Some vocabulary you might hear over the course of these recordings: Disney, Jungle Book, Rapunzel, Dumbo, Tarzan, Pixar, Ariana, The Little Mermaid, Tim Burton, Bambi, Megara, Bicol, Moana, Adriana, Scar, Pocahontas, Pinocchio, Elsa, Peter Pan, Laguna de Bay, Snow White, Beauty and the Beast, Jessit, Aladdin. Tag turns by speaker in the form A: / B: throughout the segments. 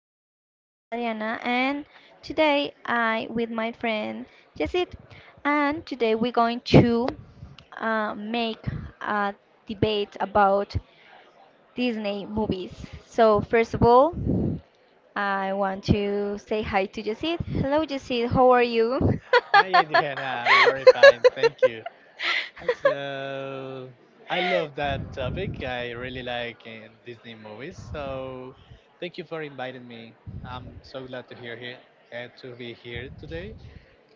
A: that my name is Ariana, and today I with my friend Jessit, and today we're going to make a debate about Disney movies. So first of all, I want to say hi to Jessit. Hello, Jessit. How are you?
B: Hi, Adriana, I'm very fine. Thank you. So, I love that topic. I really like Disney movies. So, thank you for inviting me. I'm so glad to hear here, to be here today,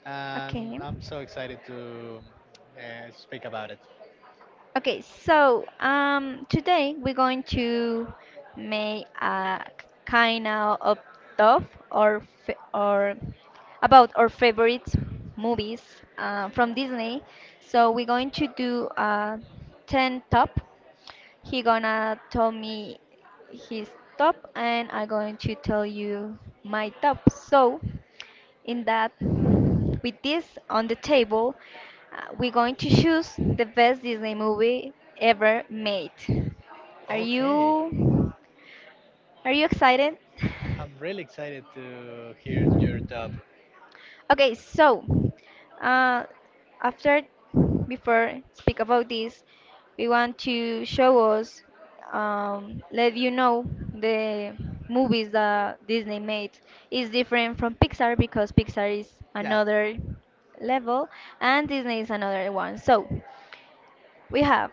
B: and
A: Okay.
B: I'm so excited to speak about it.
A: Okay, so today we're going to make a kind of tough or about our favorite movies from Disney. So we're going to do a ten top. He gonna tell me his top and I going to tell you my top. So in that with this on the table, we're going to choose the best Disney movie ever made. Are
B: Okay,
A: you are you excited?
B: I'm really excited to hear your top.
A: Okay, so uh, after before speak about this, we want to show us, let you know the movies that Disney made is different from Pixar because Pixar is
B: Yeah.
A: another level and Disney is another one. So we have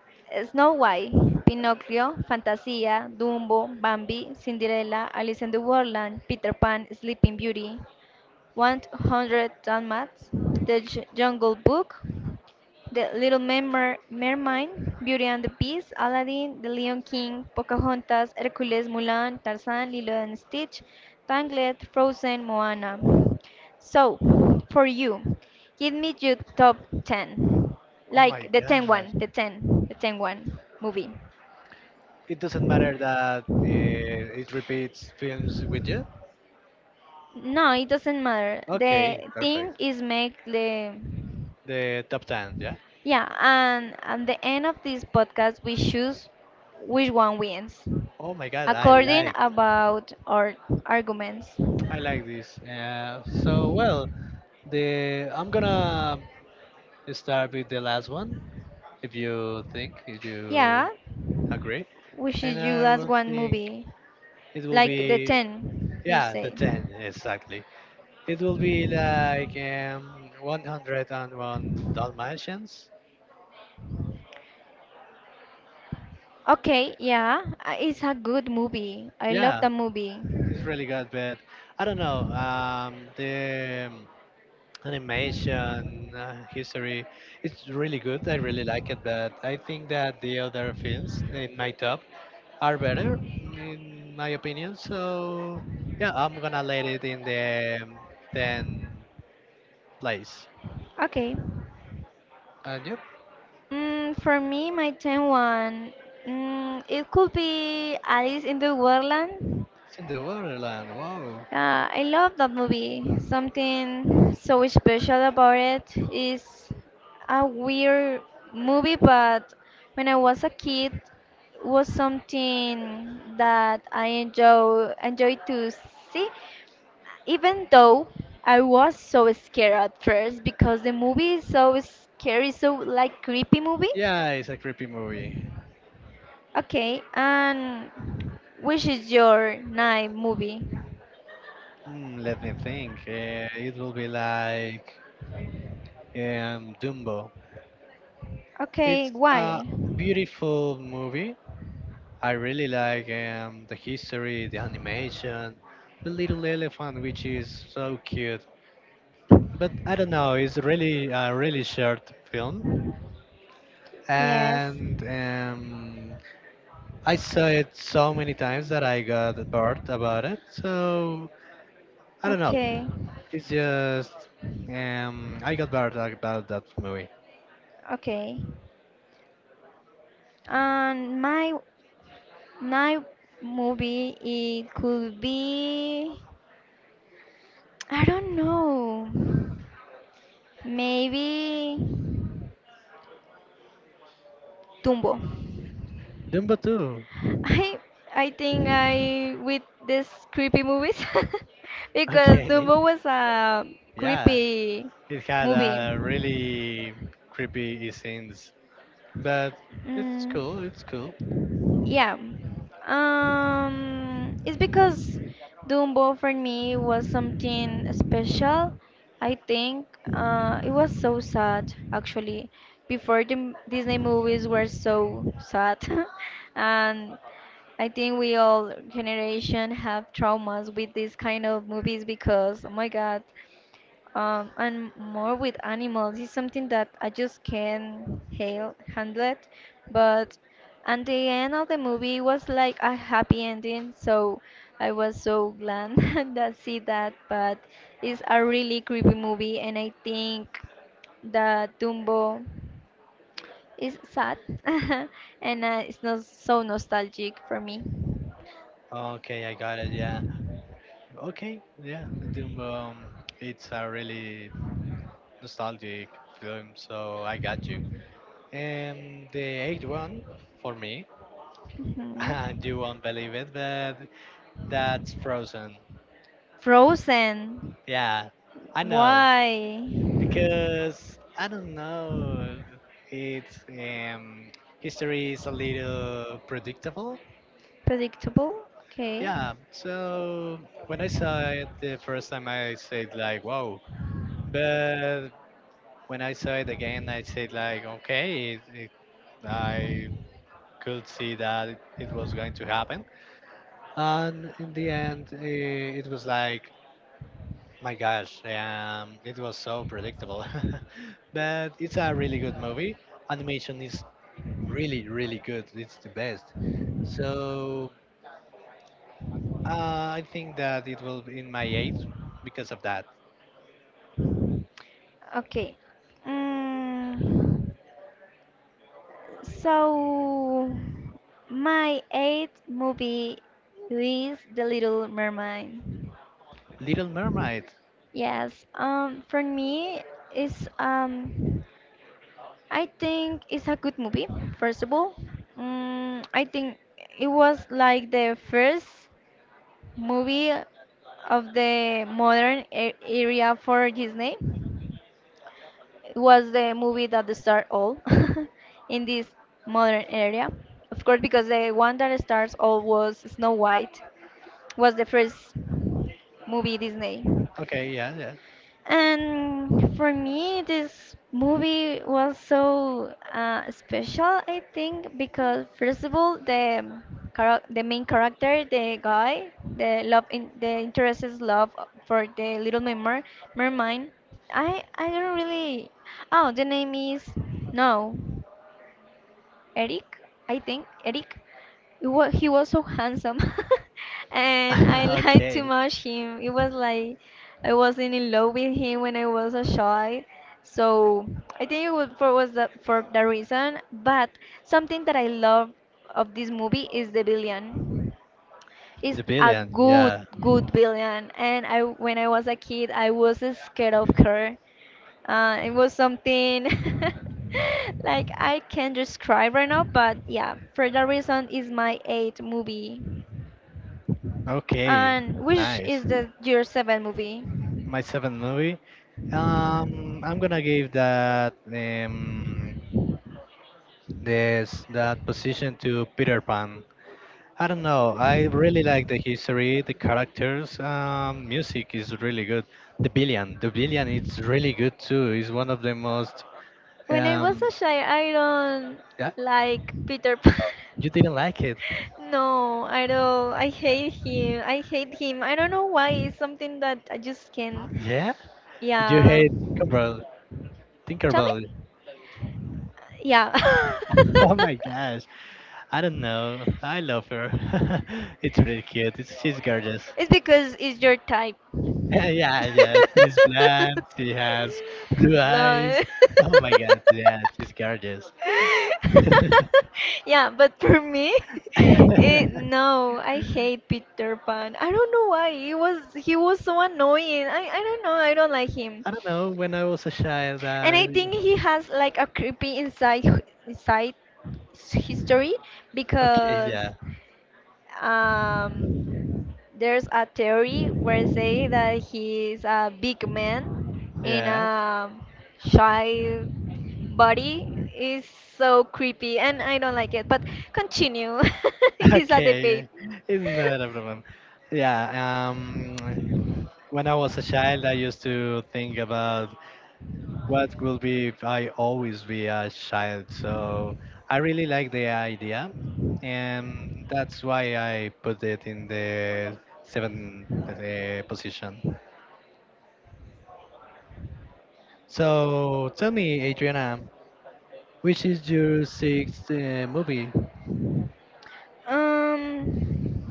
A: Snow White, Pinocchio, Fantasia, Dumbo, Bambi, Cinderella, Alice in the Wonderland, Peter Pan, Sleeping Beauty, 100 Dalmats, Jungle Book, Mermaid, Beauty and the Beast, Aladdin, The Lion King, Pocahontas, Hercules, Mulan, Tarzan, Lilo and Stitch, Tangled, Frozen, Moana. So, for you, give me your top 10.
B: Oh my
A: Like the
B: God.
A: ten one, the 10, the ten one movie.
B: It doesn't matter that it repeats films with you.
A: No, it doesn't matter.
B: Okay,
A: The thing
B: perfect.
A: is make the
B: The top 10, yeah?
A: yeah, and at the end of this podcast, we choose which one wins
B: Oh my god, I
A: according
B: like
A: about our arguments.
B: I like this. So well, the I'm gonna start with the last one, if you think, if
A: Yeah,
B: you agree,
A: which
B: and
A: is your
B: I
A: last
B: will
A: one
B: think
A: movie,
B: it will be
A: like the ten you
B: yeah, the
A: say.
B: ten exactly. It will be like 101 Dalmatians.
A: Okay, yeah, it's a good movie. I love
B: Yeah,
A: the movie.
B: it's really good, but I don't know. The animation history, it's really good. I really like it, but I think that the other films in my top are better in my opinion. So yeah, I'm gonna let it in the 10 place.
A: Okay,
B: And yep,
A: for me, my ten one, it could be Alice in the Wonderland.
B: it's in the waterland. Wow,
A: Yeah, I love that movie. Something so special about it is a weird movie, but when I was a kid, was something that I enjoy to see, even though I was so scared at first because the movie is so scary, so like creepy movie.
B: yeah, it's a creepy movie.
A: Okay, and which is your night movie?
B: Let me think, it will be like Dumbo.
A: Okay,
B: It's a
A: why?
B: beautiful movie. I really like the history, the animation, the little elephant, which is so cute. But I don't know, it's really a really short film,
A: Yes.
B: and I saw it so many times that I got bored about it. So I don't know,
A: Okay,
B: it's just I got bored about that movie.
A: okay. And my night movie, it could be, I don't know, maybe Dumbo.
B: Dumbo 2.
A: I I think I with this creepy movies because
B: Okay,
A: Dumbo was a
B: yeah,
A: creepy
B: it had
A: movie.
B: a really creepy scenes. But it's
A: Mm.
B: cool. It's cool.
A: Yeah. It's because Dumbo for me was something special. I think it was so sad actually. Before the Disney movies were so sad, and I think we all generation have traumas with these kind of movies because oh my God, and more with animals is something that I just can't hail, handle it. But at the end of the movie it was like a happy ending, so I was so glad that see that. But it's a really creepy movie, and I think that Dumbo is sad, and it's not so nostalgic for me.
B: Okay, I got it. Yeah. Okay. Yeah. Doom. It's a really nostalgic film, so I got you. And the eighth one for me, and you
A: Mhm.
B: won't believe it, but that's Frozen.
A: Frozen,
B: Yeah, I know
A: why?
B: because I don't know. It's History is a little predictable.
A: Predictable. Okay.
B: Yeah, so when I saw it the first time, I said like, "Wow!" But when I saw it again, I said like, "Okay." I could see that it was going to happen. And in the end, it was like, "My gosh!" It was so predictable. But it's a really good movie. Animation is really, really good. It's the best. So I think that it will be in my eight because of that.
A: Okay. Mm, so my eighth movie is The Little Mermaid.
B: Little Mermaid.
A: Yes. For me, it's I think it's a good movie. First of all, I think it was like the first movie of the modern area for Disney. Was the movie that started all in this modern area. Of course, because the one that starts all was Snow White, was the first movie Disney.
B: Okay, yeah,
A: And for me, this movie was so special, I think, because first of all, the the main character, the guy, the love, the interest is love for the little mermaid. Mermaid. I don't really. Oh, the name is no. Eric, I think Eric. He was so handsome, and I
B: yeah.
A: liked too
B: Okay.
A: much him. It was like I wasn't in love with him when I was a shy. So I think it was for was that for the reason. But something that I love of this movie is the villain It's
B: The
A: a
B: Billion,
A: good
B: yeah.
A: good villain and I when I was a kid I was scared of her it was something like I can't describe right now, but yeah, for that reason is my eighth movie.
B: Okay,
A: And which
B: nice.
A: is the your seventh movie?
B: My seventh movie. I'm gonna give that position to Peter Pan. I don't know. I really like the history, the characters. Music is really good. The Billion, it's really good too. It's one of the most
A: When I was
B: um.
A: a child, I don't
B: Yeah,
A: like Peter Pan.
B: you didn't like it.
A: No, I don't. I hate him. I hate him. I don't know why. It's something that I just can't.
B: Yeah? You
A: Yeah.
B: hate Tinkerbell.
A: Tell me?
B: Tinkerbell.
A: Yeah.
B: Oh my gosh. I don't know. I love her. It's really cute. She's gorgeous.
A: It's because it's your type.
B: Yeah, yeah. She's blonde. She has blue eyes.
A: No.
B: Oh my god. Yeah, she's gorgeous.
A: yeah, but for me, eh,
B: I
A: no, I hate Peter Pan. I don't know why. He was so annoying. I don't know. I don't like him,
B: don't know. When I was a child,
A: and I
B: I.
A: think he has like a creepy inside history
B: Okay,
A: because
B: yeah.
A: um there's a theory where say that he's a big man in
B: Yeah.
A: a shy body is so creepy and I don't like it. But continue. This is a debate.
B: Okay. It's not a problem. Yeah. When I was a child, I used to think about what will be if I always be a child. So I really like the idea, and that's why I put it in the seventh position. So tell me, Adriana, which is your sixth movie?
A: Um,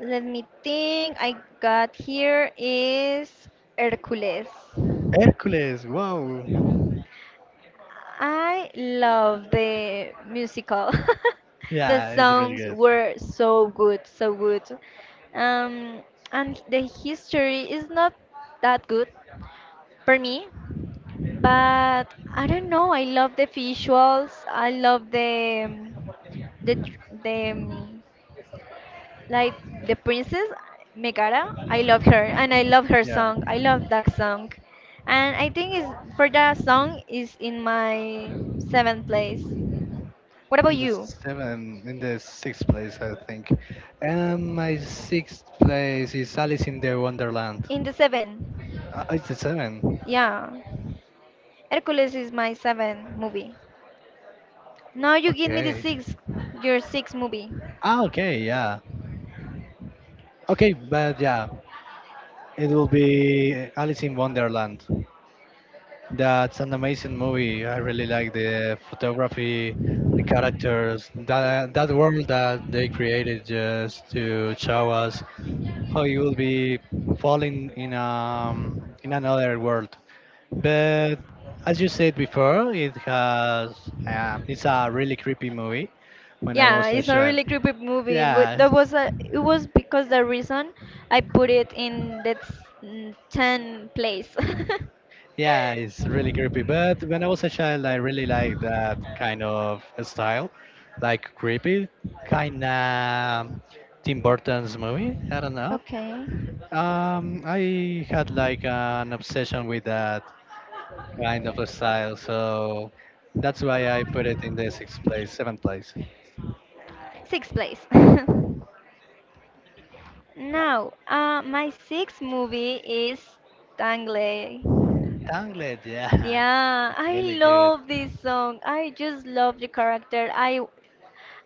A: Let me think. I got here is Hercules.
B: Hercules. Wow.
A: I love the musical. The
B: Yeah, it's really
A: songs
B: good.
A: were so good, so good. Um, and the history is not that good for me, but I don't know. I love the visuals. I love the the
B: Yeah.
A: dr- the um, like the princess Megara, I love her and I love her song. I love that song. And I think is for that song is in my seventh place. What about
B: In the
A: you?
B: seven, in the sixth place, I think. And my sixth place is Alice in the Wonderland.
A: In the seven.
B: It's the seven.
A: Yeah. Hercules is my seven movie. Now you give me the
B: Okay.
A: sixth, your sixth movie.
B: Ah, okay, yeah. Okay, but yeah, it will be Alice in Wonderland. That's an amazing movie. I really like the photography, the characters, that world that they created just to show us how you will be falling in another world. But as you said before, it has it's a really creepy movie. When I
A: Yeah,
B: was a
A: it's a
B: child,
A: really creepy movie.
B: yeah,
A: That was a, it was because the reason I put it in that ten place.
B: yeah, it's really creepy. But when I was a child, I really liked that kind of style, like creepy, kind of Tim Burton's movie. I don't know.
A: Okay.
B: I had like an obsession with that kind of style, so that's why I put it in the sixth place, seventh place.
A: Sixth place.
B: Yeah,
A: Now, my sixth movie is Tangley.
B: Tangled. Yeah,
A: Yeah,
B: it's
A: I
B: really good.
A: love this song. I just love the character. I,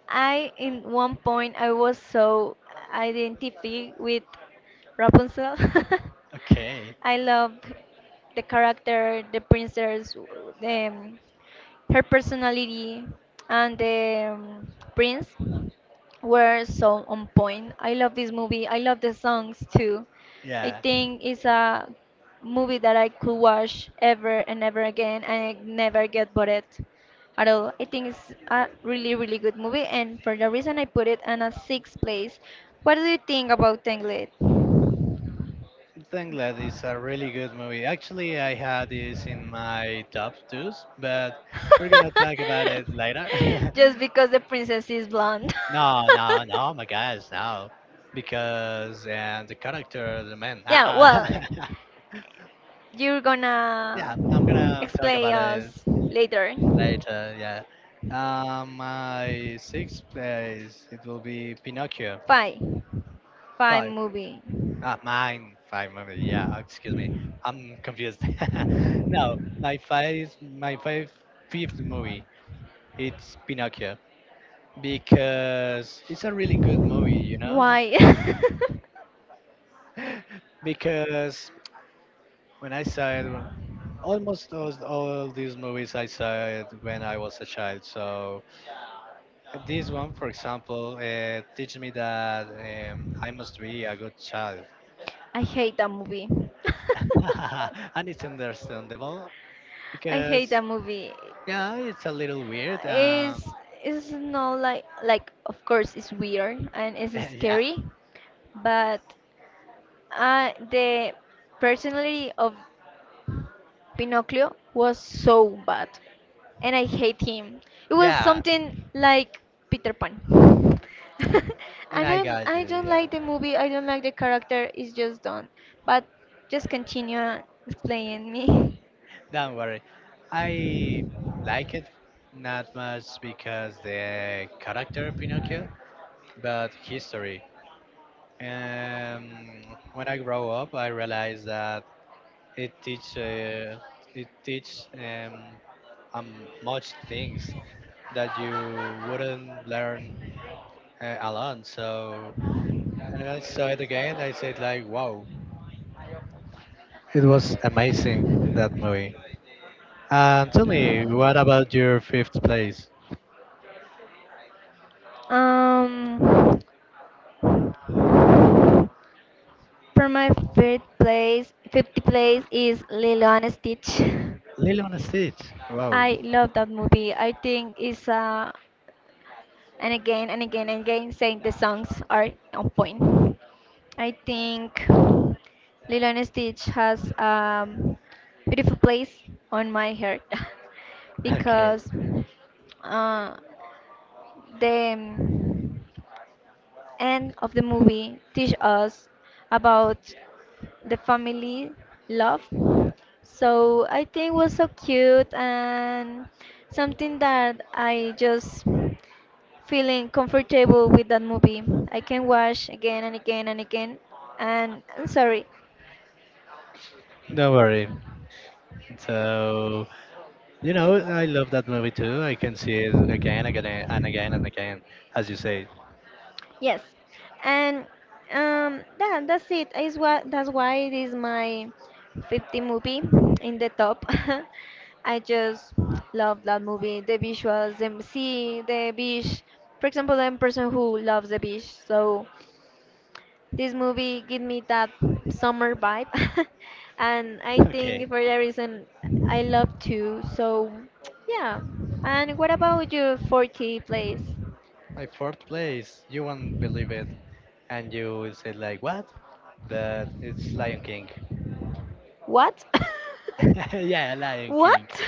A: I in one point I was so identified with Rapunzel.
B: Okay.
A: I love the character, the princess, um, her personality, and the prince. Were so on point. I love this movie. I love the songs too. I
B: Yeah.
A: think it's a movie that I could watch ever and ever again and I never get bored at all. I think it's a really, really good movie, and for the reason I put it in a sixth place. What do you think about Tangled?
B: Tangled is a really good movie. Actually, I had this in my top twos, but we're gonna talk about it later.
A: Just because the princess is blonde.
B: No, no, no, oh my guys, no, because and the character, the man.
A: Yeah, well,
B: Ah.
A: you're gonna
B: Yeah, I'm gonna talk
A: explain
B: about it
A: us later.
B: later. Yeah, my sixth place it will be Pinocchio
A: Bye. Five
B: 5.
A: movie.
B: Ah, mine, 5 minutes. Yeah, excuse me. I'm confused. No, my fifth movie. It's Pinocchio because it's a really good movie.
A: Why?
B: Because when I saw it, almost all these movies I saw it when I was a child. So this one, for example, teach me that I must be a good child,
A: I hate that movie.
B: and it's understandable
A: I hate
B: because
A: that movie.
B: Yeah, it's a little weird.
A: It's it's not like like of course it's weird and it's
B: Yeah,
A: scary, but the personality of Pinocchio was so bad, and I hate him. It was
B: yeah,
A: something like Peter Pan.
B: and I got
A: I
B: you.
A: don't
B: Yeah,
A: like the movie. I don't like the character. It's just done. But just continue explaining me.
B: don't worry. I like it not much because the character Pinocchio, but history. When I grow up, I realized that it teach uh, it teach much things that you wouldn't learn alone. So and I saw it again. I said like, wow, it was amazing that movie. And tell me, what about your fifth place?
A: Um, for my fifth place, 50th place is Lilo and Stitch.
B: Lilo and Stitch. Wow.
A: I love that movie. I think it's a and again and again and again saying the songs are on point. I think Lilo and Stitch has a beautiful place on my heart
B: Okay.
A: because uh, the end of the movie teach us about the family love. So I think it was so cute and something that I just feeling comfortable with that movie. I can watch again and again and again. And I'm sorry,
B: Don't worry. So, I love that movie too. I can see it again, again, and again, and again, as you say.
A: yes, and that that's it. Is what that's why it is my 50 movie in the top. I just love that movie. The visuals, the sea, the beach. For example, I'm a person who loves the beach, so this movie give me that summer vibe, and I think
B: Okay.
A: for that reason I love to. So yeah. And what about your 40 place?
B: My fourth place. You won't believe it, and you will say like, what? But it's Lion King.
A: What?
B: Yeah, Lion King.
A: What?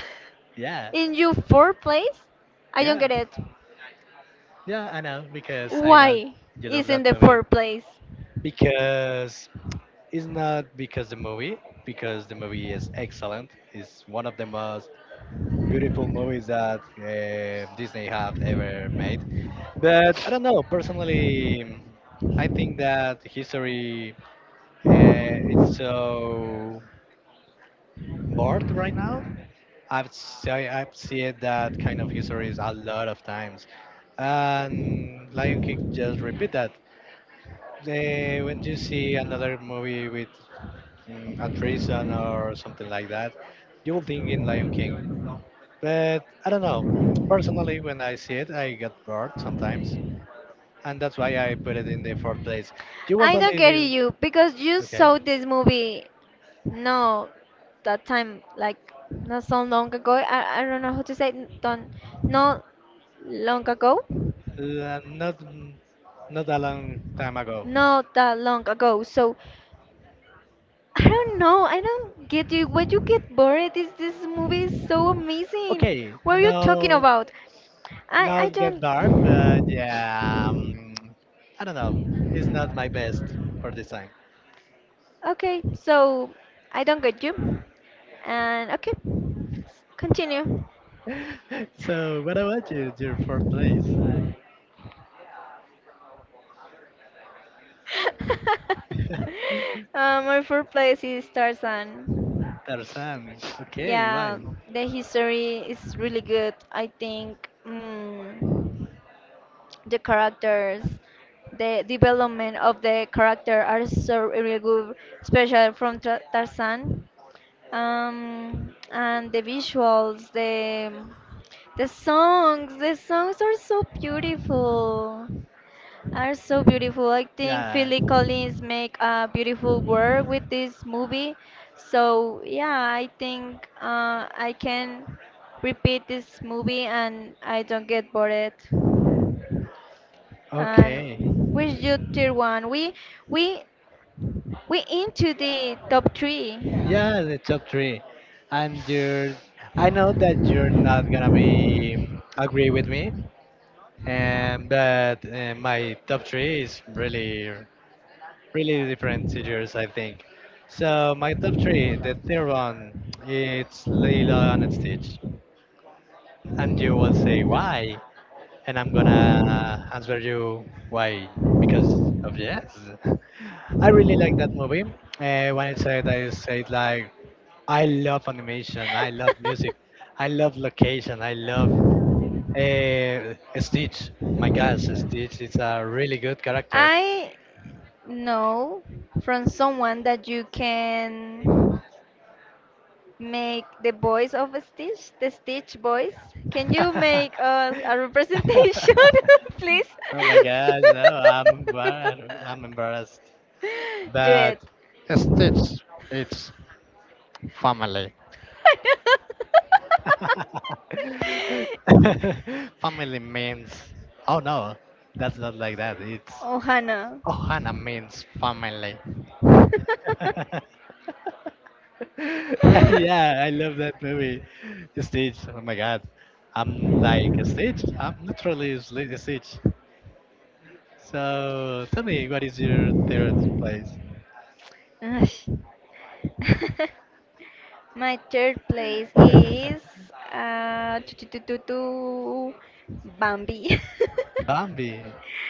B: Yeah,
A: In your fourth place? I don't
B: yeah,
A: get it.
B: yeah. I know because I know
A: Why
B: you love
A: is in
B: that
A: the
B: movie.
A: fourth place?
B: Because it's not because the movie is excellent. It's one of the most beautiful movies that Disney have ever made. But I don't know, personally, I think that history, it's so bored right now. I've seen that kind of histories a lot of times, and Lion King just repeat that. When you see another movie with a treason or something like that, you will think in Lion King. But I don't know. Personally, when I see it, I get bored sometimes, and that's why I put it in the fourth place. You won't
A: I don't
B: believe
A: get
B: it.
A: you because you
B: Okay,
A: saw this movie no, that time, like not so long ago. I don't know how to say it, don't not long ago.
B: not a long time ago.
A: Not that long ago. So I don't know. I don't get you. Why you get bored? This movie is so amazing.
B: Okay,
A: What are you talking
B: no,
A: about? I
B: not get
A: don't.
B: dark, but yeah, I don't know. It's not my best for this time.
A: Okay, so I don't get you. And okay, continue.
B: So, what about you? Your fourth place?
A: My fourth place is Tarzan.
B: Tarzan. Okay, why?
A: Yeah, the history is really good. I think the characters, the development of the character are so really good, especially from Tarzan. And the visuals, the the songs are so beautiful are so beautiful. I think
B: Yeah.
A: Philly Collins make a beautiful work with this movie. So yeah, I think I can repeat this movie and I don't get bored. And
B: Okay.
A: with you, tier one, we we into the top three.
B: Yeah, the top three. And you're I know that you're not gonna be agree with me, but my top three is really, really different to yours, I think. So my top three, the third one, it's Lilo and Stitch. And you will say why? And I'm gonna answer you why because of yes. I really like that movie. When I said like I love animation, I love music, I love location, I love uh, Stitch. My gosh, Stitch is a really good character.
A: I know from someone that you can. Make the voice of Stitch, the Stitch voice. Can you make us a representation, please?
B: Oh my gosh, no, I'm embarrassed. I'm embarrassed.
A: Do it.
B: But Stitch, it's family. Family means, oh no, that's not like that. It's
A: Oh, Hannah.
B: Ohana means family. Yeah, I love that movie. Stitch, oh my god. I'm like Stitch. I'm literally Stitch. So tell me, what is your third place?
A: Ush. My third place is uh, tu- tu- tu- tu- tu, Bambi.
B: Bambi.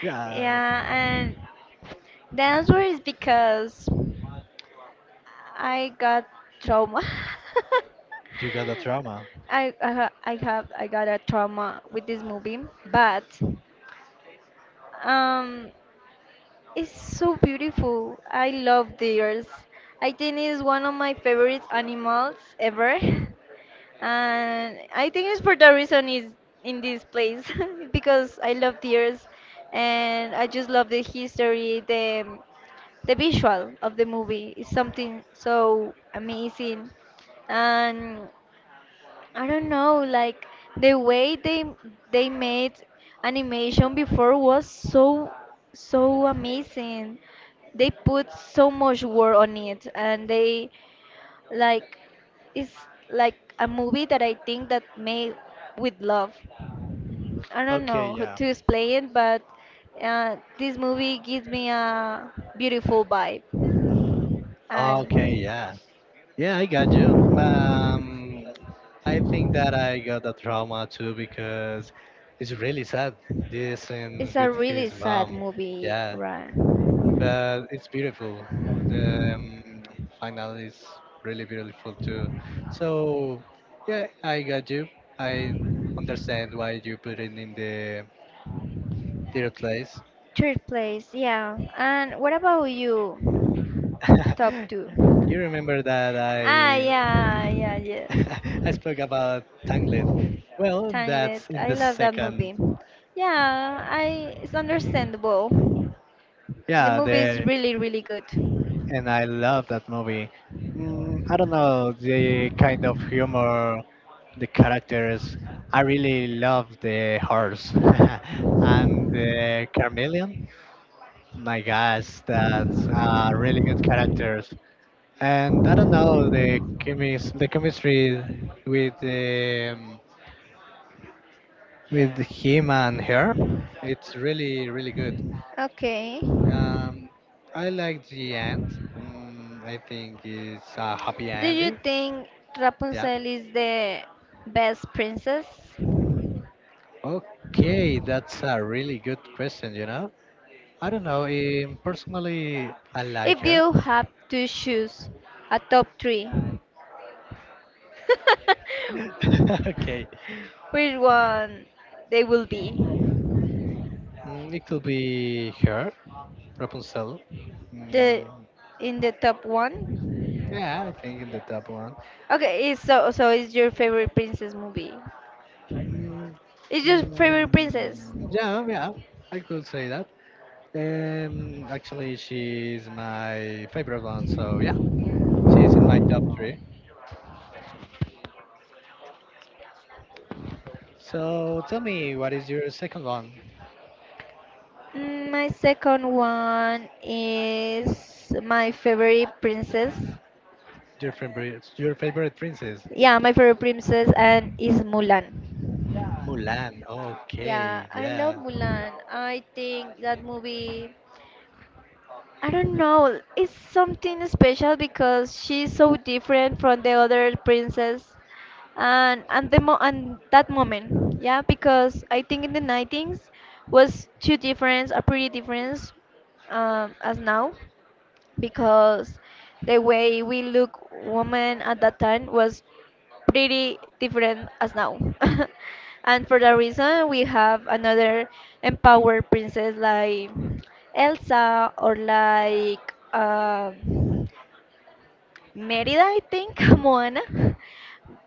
B: Yeah,
A: Yeah, and the answer is because I got trauma.
B: you got a trauma.
A: I ha- I have I got a trauma with this movie, but um, it's so beautiful. I love deers. I think it's one of my favorite animals ever, and I think it's for the reason is in this place because I love deers, and I just love the history, the visual of the movie is something so amazing. And I don't know, the way they made animation before was so amazing. They put so much work on it and they, like, it's like a movie that I think that made with love. I don't
B: Okay,
A: know how
B: yeah.
A: to explain it, but this movie gives me a beautiful vibe.
B: Okay,
A: And
B: yeah. Yeah, I got you. I think that I got the trauma too because it's really sad. This and
A: it's a
B: with
A: really
B: his
A: sad
B: mom,
A: movie,
B: yeah,
A: right?
B: but it's beautiful. The final is really beautiful too. So yeah, I got you. I understand why you put it in the third place.
A: Third place, yeah. And what about you? Top two.
B: You remember that
A: Ah,
B: I
A: yeah, yeah, yes.
B: I spoke about Tangled. Well,
A: Tangled.
B: that's in
A: I
B: the
A: love that
B: second.
A: movie. Yeah, I. It's understandable. The
B: Yeah,
A: movie is
B: the
A: really, really good.
B: and I love that movie. I don't know the kind of humor, the characters. I really love the horse and the chameleon. My gosh, that's really good characters. And I don't know the the chemistry with um, with him and her. It's really really good.
A: Okay.
B: Um, I like the end. I think it's a happy
A: Do you
B: ending.
A: think
B: Yeah.
A: Rapunzel is the best princess?
B: Okay, that's a really good question, you know? I don't know. Personally, I like
A: If
B: her.
A: you have to choose a top three,
B: Okay.
A: which one they will be?
B: It could be her, Rapunzel.
A: The
B: Mm,
A: in the top one?
B: yeah, I think in the top one.
A: Okay, it's so it's your favorite princess movie.
B: Mm,
A: It's your favorite princess.
B: mm, yeah, yeah, I could say that. Actually, she's my favorite one, so yeah, she's in my top three. So tell me, what is your second one?
A: Mm, my second one is my favorite princess.
B: Your favorite princess?
A: Yeah, my favorite princess and is Mulan.
B: Mulan.
A: Yeah,
B: Okay,
A: I love
B: yeah.
A: Mulan. I think that movie, I don't know. It's something special because she's so different from the other princess, and the mo and that moment, yeah. Because I think in the 90s was two difference, a pretty difference, as now, because the way we look women at that time was pretty different as now. And for that reason, we have another empowered princess like Elsa, or like Merida, I think, Moana.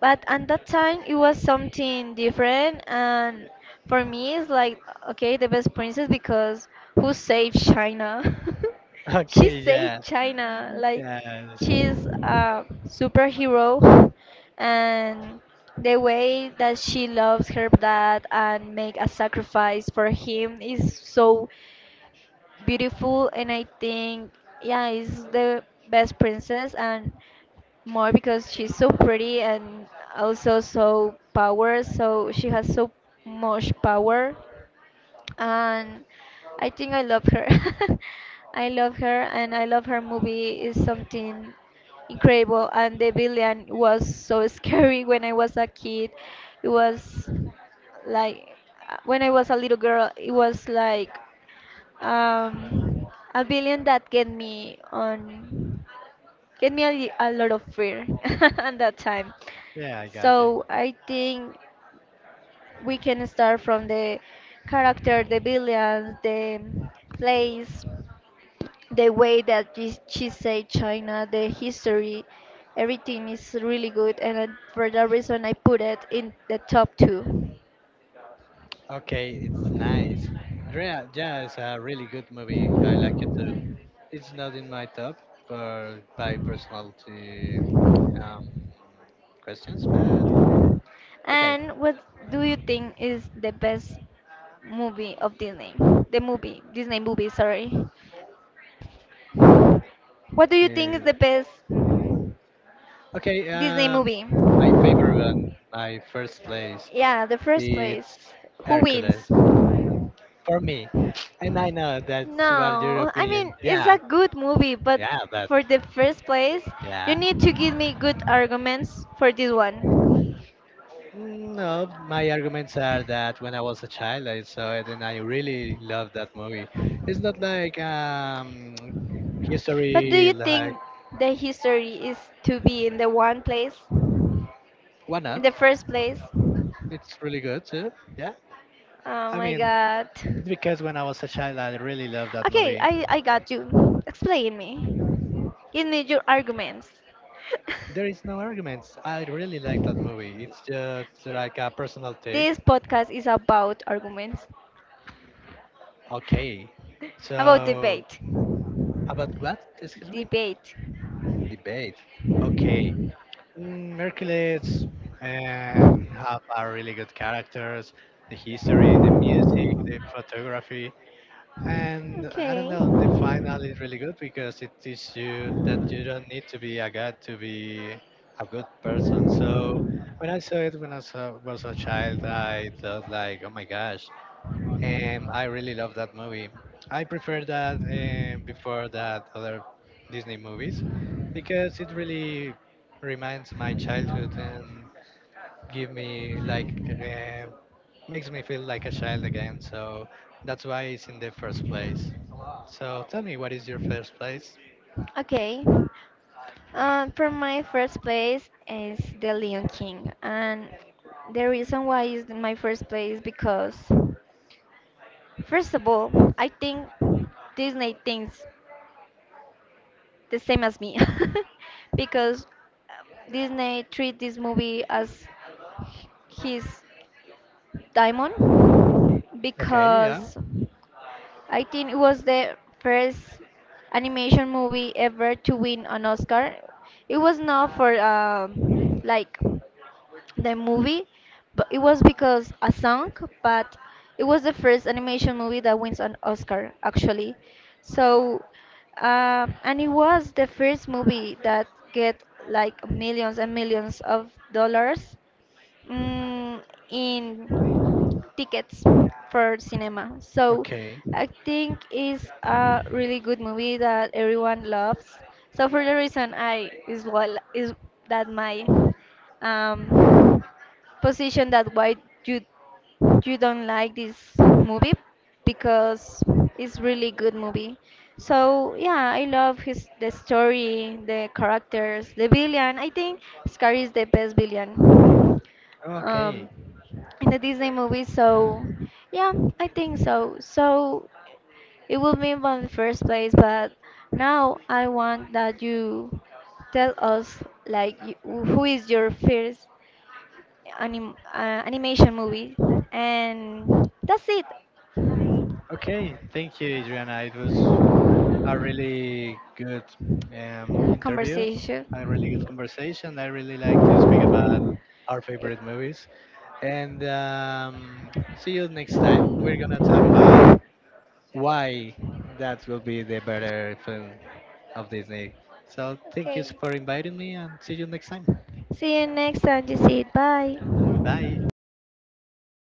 A: But at that time, it was something different, and for me, it's like, okay, the best princess because who saved China? She
B: Okay, yeah,
A: saved China. Like,
B: yeah,
A: she's a superhero, and the way that she loves her dad and make a sacrifice for him is so beautiful, and I think, yeah, is the best princess. And more because she's so pretty and also so power, so she has so much power. And I think I love her. I love her, and I love her movie is something incredible, and the villain was so scary when I was a kid. It was like, when I was a little girl it was like, um, a billion that get me a lot of fear at that time.
B: yeah. I got you.
A: So I think we can start from the character, the billions, the place, the way that she said China, the history, everything is really good, and I- for that reason I put it in the top two.
B: Okay, it's nice. Yeah, yeah, it's a really good movie. I like it too. It's not in my top for by personality um, questions, but okay.
A: And what do you think is the best movie of Disney? The movie, Disney movie, sorry. What do you think is
B: Uh,
A: the best
B: okay,
A: Disney movie?
B: my favorite and my first place,
A: Yeah, the first place.
B: it's
A: Who wins?
B: Hercules for me. And I know that's what your
A: No, I
B: opinion.
A: mean, it's
B: Yeah,
A: a good movie, but
B: yeah, but
A: for the first place, you
B: yeah.
A: need to give me good arguments for this one.
B: No, my arguments are that when I was a child, I saw it and I really loved that movie. It's not like
A: But do
B: history,
A: you think
B: like
A: the history is to be in the one place?
B: why
A: In
B: not?
A: the first place? Oh
B: It's really good too. Yeah. I
A: my
B: mean,
A: god.
B: it's because when I was a child, I really loved that
A: Okay,
B: movie.
A: I got you. Explain me. Give me your arguments.
B: There is no arguments. I really like that movie. It's just like a personal taste.
A: This podcast is about arguments,
B: Okay.
A: about
B: So,
A: debate.
B: about what? Excuse me?
A: Debate.
B: Debate. Okay. Hercules have a really good characters. The history, the music, the photography. And I don't
A: Okay.
B: know, the final is really good because it teaches you that you don't need to be a god to be a good person. So when I saw, was a child, I thought like, oh my gosh, I really love that movie. I prefer that before that other Disney movies because it really reminds my childhood and give me like makes me feel like a child again. So that's why it's in the first place. So tell me, what is your first place?
A: Okay. For my first place is The Lion King, and the reason why is my first place because, first of all, I think Disney thinks the same as me because Disney treat this movie as h- his diamond
B: Okay, yeah.
A: because I think it was the first animation movie ever to win an Oscar. It was not for like the movie, but it was because a song, but it was the first animation movie that wins an Oscar actually. So, and it was the first movie that get like millions and millions of dollars, mm, in tickets for cinema. So
B: Okay.
A: I think it's a really good movie that everyone loves. So for the reason I is what is that my um, position that why you you don't like this movie because it's really good movie. So yeah, I love his the story, the characters, the villain. I think Scar is the best villain
B: Okay.
A: um, in the Disney movie. So yeah, I think so. So it will be in the first place, but now I want that you tell us like y- who is your first anim animation movie, and that's it.
B: Okay. Thank you, Adriana. It was a really good interview,
A: Conversation.
B: a really good conversation. I really like to speak about our favorite movies. And see you next time. We're going to talk about why that will be the better film of Disney. So thank you
A: Okay.
B: for inviting me and see you next time.
A: See you next time. You see it. Bye.
B: Bye.